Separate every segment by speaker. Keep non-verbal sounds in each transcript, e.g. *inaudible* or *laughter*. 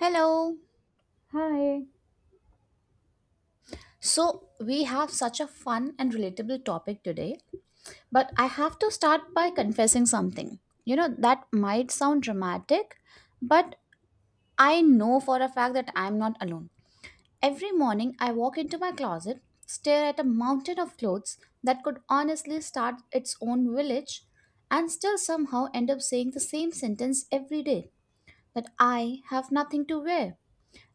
Speaker 1: Hello.
Speaker 2: Hi.
Speaker 1: So, we have such a fun and relatable topic today, but I have to start by confessing something. You know, that might sound dramatic, but I know for a fact that I'm not alone. Every morning, I walk into my closet, stare at a mountain of clothes that could honestly start its own village, and still somehow end up saying the same sentence every day that I have nothing to wear.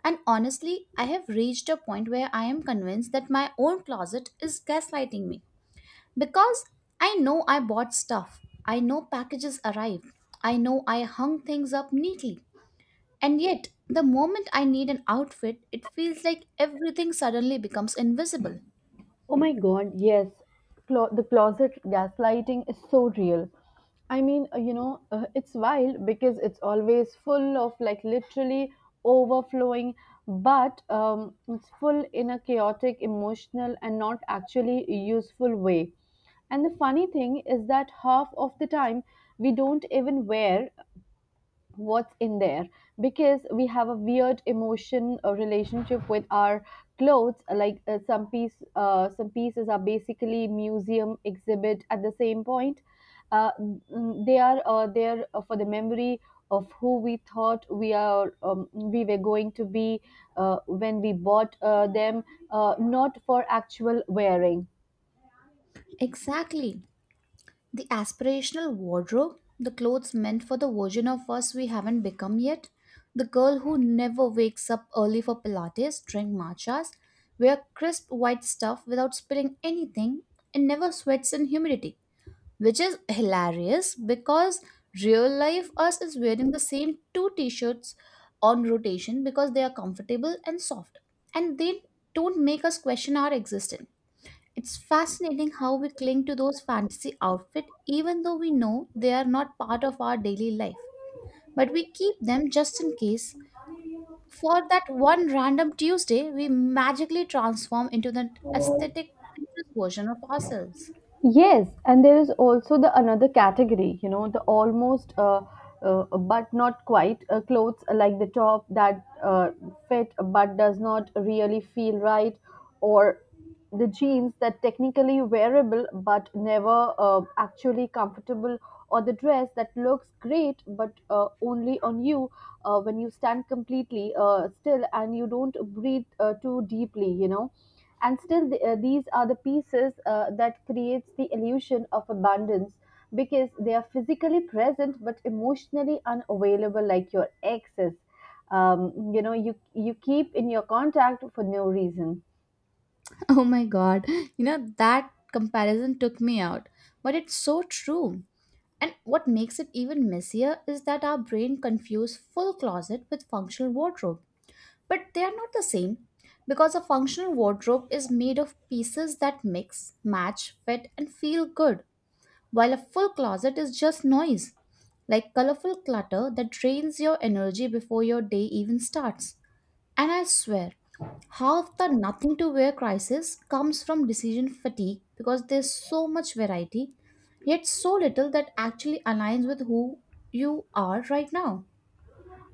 Speaker 1: And honestly, I have reached a point where I am convinced that my own closet is gaslighting me. Because I know I bought stuff, I know packages arrived, I know I hung things up neatly. And yet, the moment I need an outfit, it feels like everything suddenly becomes invisible.
Speaker 2: Oh my god, yes. The closet gaslighting is so real. I mean, it's wild because it's always full of like literally overflowing, but it's full in a chaotic, emotional, and not actually useful way. And the funny thing is that half of the time we don't even wear what's in there because we have a weird emotion or relationship with our clothes like some pieces are basically museum exhibit at the same point. They are there for the memory of who we thought we were going to be when we bought them, not for actual wearing.
Speaker 1: Exactly. The aspirational wardrobe, the clothes meant for the version of us we haven't become yet, the girl who never wakes up early for Pilates, drink matchas, wear crisp white stuff without spilling anything, and never sweats in humidity. Which is hilarious because real life us is wearing the same two t shirts on rotation because they are comfortable and soft, and they don't make us question our existence. It's fascinating how we cling to those fantasy outfits even though we know they are not part of our daily life. But we keep them just in case. For that one random Tuesday, we magically transform into the aesthetic Pinterest version of ourselves.
Speaker 2: Yes, and there is also the another category, you know, the almost but not quite clothes like the top that fit but does not really feel right, or the jeans that technically wearable but never actually comfortable, or the dress that looks great but only on you when you stand completely still and you don't breathe too deeply, you know. And still these are the pieces that creates the illusion of abundance because they are physically present but emotionally unavailable like your exes, you know you keep in your contact for no reason.
Speaker 1: *laughs* Oh my god, you know, that comparison took me out. But it's so true. And what makes it even messier is that our brain confuses full closet with functional wardrobe. But they are not the same because a functional wardrobe is made of pieces that mix, match, fit, and feel good, while a full closet is just noise, like colorful clutter that drains your energy before your day even starts. And I swear, half the nothing to wear crisis comes from decision fatigue because there's so much variety, yet so little that actually aligns with who you are right now.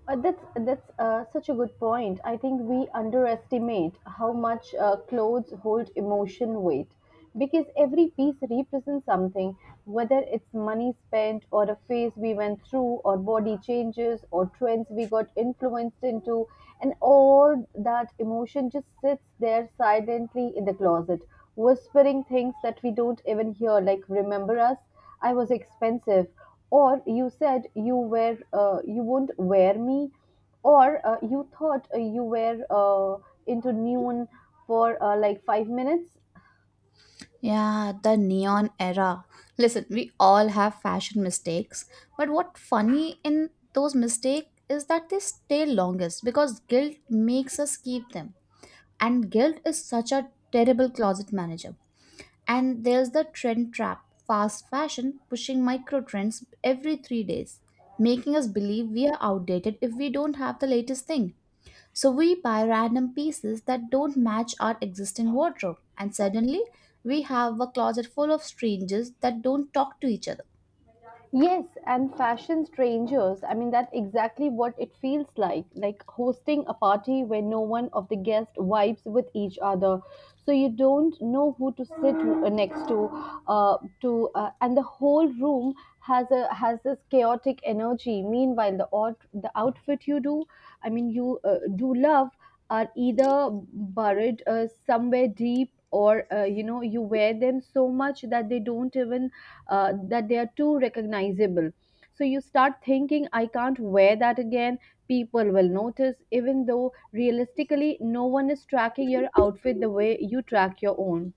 Speaker 2: That's such a good point. I think we underestimate how much clothes hold emotion weight because every piece represents something, whether it's money spent or a phase we went through or body changes or trends we got influenced into, and all that emotion just sits there silently in the closet, whispering things that we don't even hear, like remember us. I was expensive, or you said you wouldn't wear me, or you thought you were into noon for like 5 minutes.
Speaker 1: Yeah, the neon era. Listen, we all have fashion mistakes, but what funny in those mistakes is that they stay longest because guilt makes us keep them. And guilt is such a terrible closet manager. And there's the trend trap, fast fashion pushing micro trends every 3 days, making us believe we are outdated if we don't have the latest thing. So we buy random pieces that don't match our existing wardrobe, and suddenly we have a closet full of strangers that don't talk to each other.
Speaker 2: Yes, and fashion strangers. I mean, that's exactly what it feels like hosting a party where no one of the guests vibes with each other. So you don't know who to sit next to, and the whole room has this chaotic energy. Meanwhile, the outfit you do, I mean, you do love are either buried somewhere deep or you know you wear them so much that they don't even that they are too recognizable, so you start thinking I can't wear that again, people will notice even though realistically no one is tracking your outfit the way you track your own.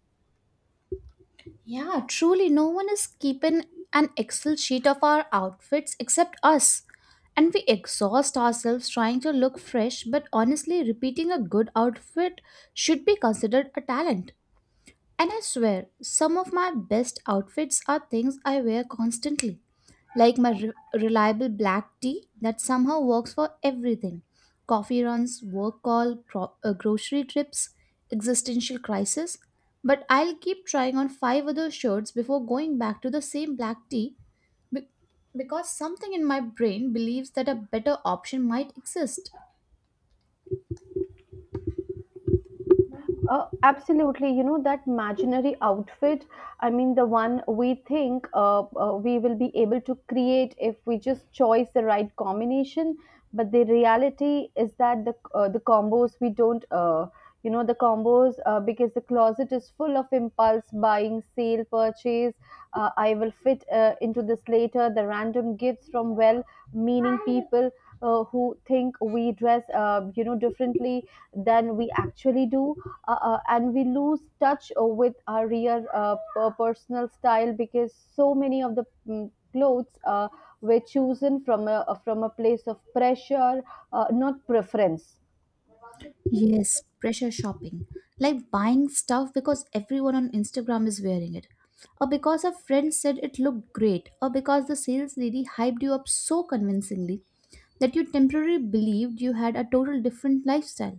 Speaker 1: Yeah, truly, no one is keeping an Excel sheet of our outfits except us. And we exhaust ourselves trying to look fresh, but honestly, repeating a good outfit should be considered a talent. And I swear, some of my best outfits are things I wear constantly, like my reliable black tea that somehow works for everything: coffee runs, work call, grocery trips, existential crisis. But I'll keep trying on five other shirts before going back to the same black tea be- because something in my brain believes that a better option might exist.
Speaker 2: Absolutely. You know, that imaginary outfit, I mean, the one we think we will be able to create if we just choose the right combination. But the reality is that the combos we don't, you know, the combos because the closet is full of impulse buying, sale purchase. I will fit into this later. The random gifts from well meaning people who think we dress, you know, differently than we actually do, and we lose touch with our real personal style because so many of the clothes were chosen from a place of pressure, not preference.
Speaker 1: Yes, pressure shopping. Like buying stuff because everyone on Instagram is wearing it. Or because a friend said it looked great. Or because the sales lady hyped you up so convincingly that you temporarily believed you had a total different lifestyle.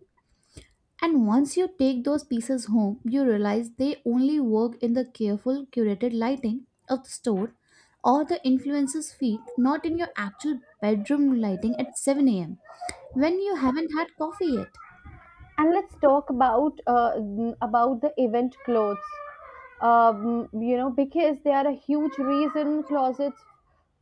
Speaker 1: And once you take those pieces home, you realize they only work in the careful, curated lighting of the store or the influencer's feed, not in your actual bedroom lighting at 7 a.m. when you haven't had coffee yet.
Speaker 2: And let's talk about about the event clothes, you know, because they are a huge reason closets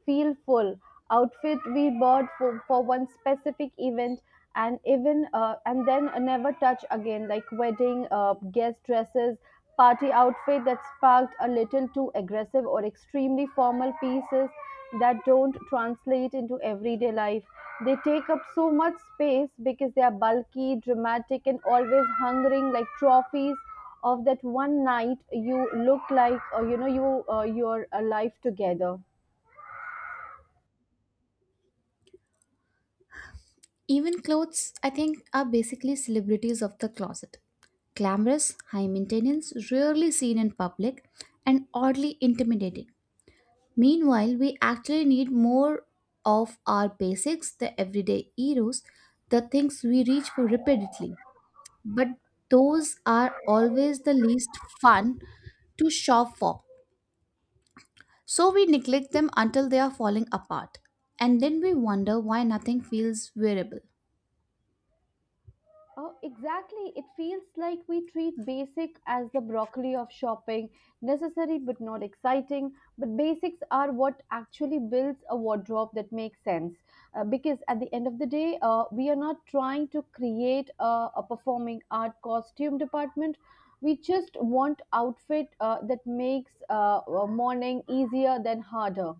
Speaker 2: feel full. Outfit we bought for one specific event and even and then never touch again like wedding guest dresses, party outfit that sparked a little too aggressive or extremely formal pieces that don't translate into everyday life. They take up so much space because they are bulky, dramatic, and always hungering like trophies of that one night you look like you know you your life together.
Speaker 1: Even clothes, I think, are basically celebrities of the closet. Glamorous, high maintenance, rarely seen in public, and oddly intimidating. Meanwhile, we actually need more of our basics, the everyday heroes, the things we reach for repeatedly. But those are always the least fun to shop for. So we neglect them until they are falling apart. And then we wonder why nothing feels wearable.
Speaker 2: Oh, exactly. It feels like we treat basic as the broccoli of shopping, necessary but not exciting. But basics are what actually builds a wardrobe that makes sense. Because at the end of the day, we are not trying to create a performing art costume department. We just want outfit that makes morning easier than harder.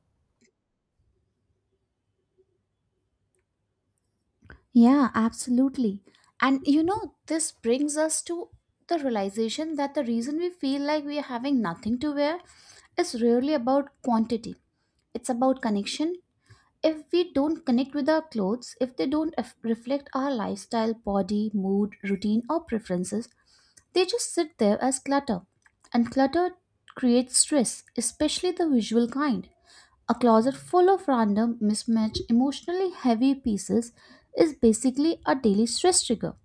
Speaker 1: Yeah, absolutely. And you know, this brings us to the realization that the reason we feel like we are having nothing to wear is really about quantity. It's about connection. If we don't connect with our clothes, if they don't reflect our lifestyle, body, mood, routine, or preferences, they just sit there as clutter. And clutter creates stress, especially the visual kind. A closet full of random, mismatched, emotionally heavy pieces is basically a daily stress trigger.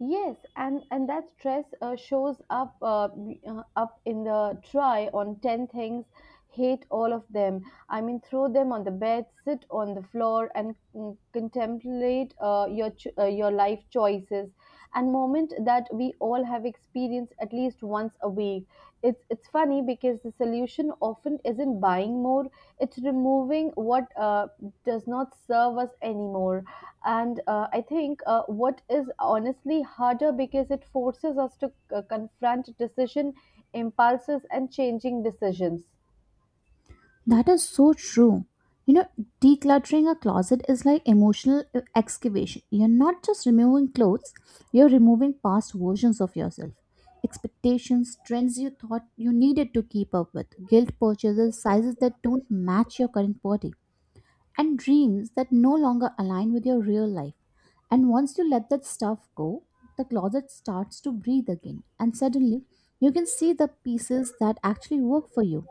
Speaker 2: Yes, and that stress shows up in the try on 10 things, hate all of them, I mean, throw them on the bed, sit on the floor, and contemplate your life choices and moment that we all have experienced at least once a week. It's funny because the solution often isn't buying more; it's removing what does not serve us anymore. And I think what is honestly harder because it forces us to confront decision impulses and changing decisions.
Speaker 1: That is so true. You know, decluttering a closet is like emotional excavation. You're not just removing clothes, you're removing past versions of yourself. Expectations, trends you thought you needed to keep up with, guilt purchases, sizes that don't match your current body, and dreams that no longer align with your real life. And once you let that stuff go, the closet starts to breathe again, and suddenly you can see the pieces that actually work for you.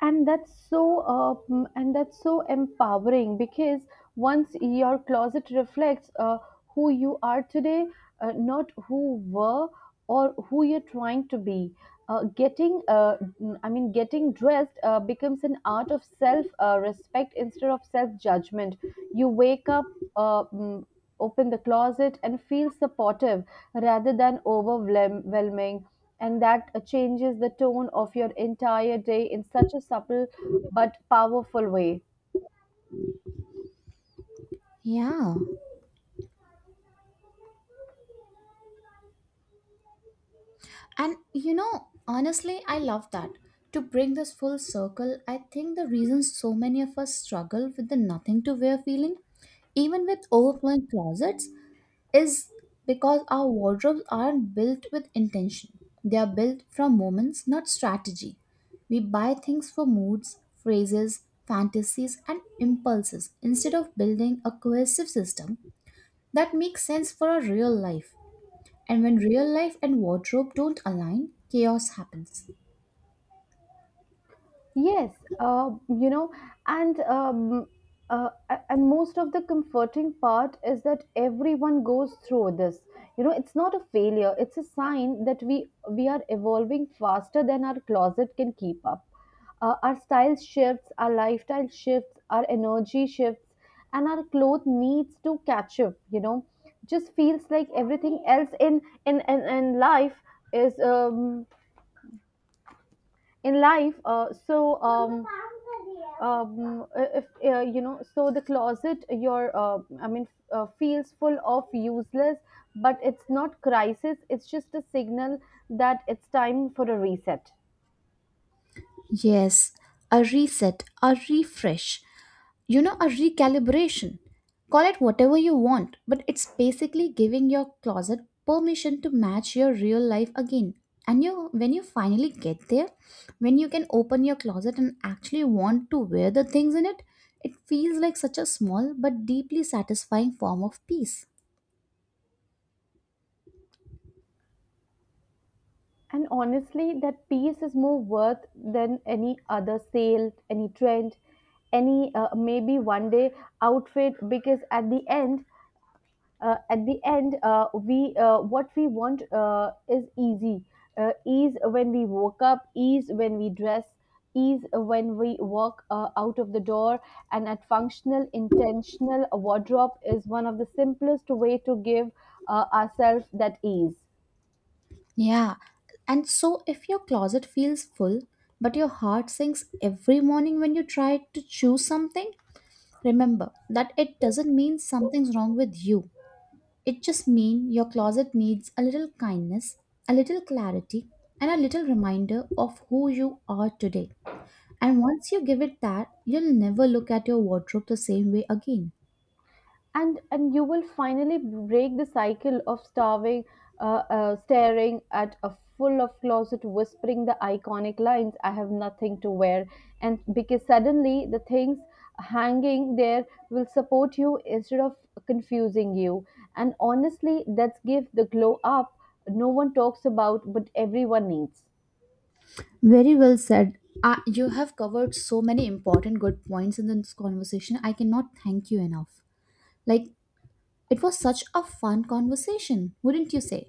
Speaker 2: And that's so empowering because once your closet reflects who you are today, not who were or who you're trying to be, getting mm, I mean getting dressed becomes an art of self respect instead of self judgment. You wake up, uh, mm, open the closet and feel supportive rather than overwhelming. And that changes the tone of your entire day in such a subtle but powerful way.
Speaker 1: Yeah. And you know, honestly, I love that. To bring this full circle, I think the reason so many of us struggle with the nothing to wear feeling, even with overflowing closets, is because our wardrobes aren't built with intention. They are built from moments, not strategy. We buy things for moods, phrases, fantasies, and impulses instead of building a cohesive system that makes sense for our real life. And when real life and wardrobe don't align, chaos happens.
Speaker 2: Yes, you know, and um, and most of the comforting part is that everyone goes through this. You know, it's not a failure; it's a sign that we are evolving faster than our closet can keep up. Our style shifts, our lifestyle shifts, our energy shifts, and our clothes needs to catch up. You know, just feels like everything else in life is in life. So if you know, so the closet your I mean feels full of useless, but it's not crisis, it's just a signal that it's time for a reset.
Speaker 1: Yes, a reset, a refresh, you know, a recalibration. Call it whatever you want, but it's basically giving your closet permission to match your real life again. And you, when you finally get there, when you can open your closet and actually want to wear the things in it, it feels like such a small but deeply satisfying form of peace.
Speaker 2: And honestly, that piece is more worth than any other sale, any trend, any maybe one day outfit, because at the end we what we want is easy, ease when we woke up, ease when we dress, ease when we walk out of the door. And at functional intentional wardrobe is one of the simplest way to give ourselves that ease.
Speaker 1: Yeah, and so if your closet feels full, but your heart sinks every morning when you try to choose something, remember that it doesn't mean something's wrong with you. It just means your closet needs a little kindness, a little clarity, and a little reminder of who you are today. And once you give it that, you'll never look at your wardrobe the same way again.
Speaker 2: And you will finally break the cycle of starving staring at a full of closet, whispering the iconic lines, I have nothing to wear. And because suddenly the things hanging there will support you instead of confusing you. And honestly, that's give the glow up no one talks about but everyone needs.
Speaker 1: Very well said. You have covered so many important good points in this conversation. I cannot thank you enough. Like, it was such a fun conversation, wouldn't you say?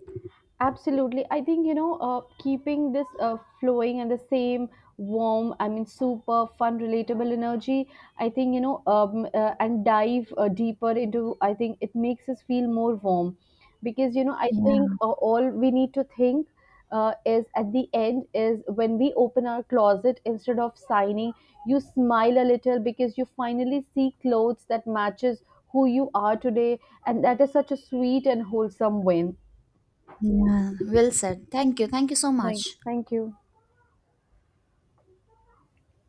Speaker 2: Absolutely. I think, you know, keeping this flowing and the same warm, I mean, super fun, relatable energy, I think, you know, and dive deeper into, I think it makes us feel more warm. Because, you know, I think
Speaker 1: Yeah,
Speaker 2: all we need to think is at the end is when we open our closet, instead of signing, you smile a little because you finally see clothes that matches who you are today. And that is such a sweet and wholesome win.
Speaker 1: yeah. Well said. Thank you. Thank you so
Speaker 2: Bye.
Speaker 1: much.
Speaker 2: Thank you.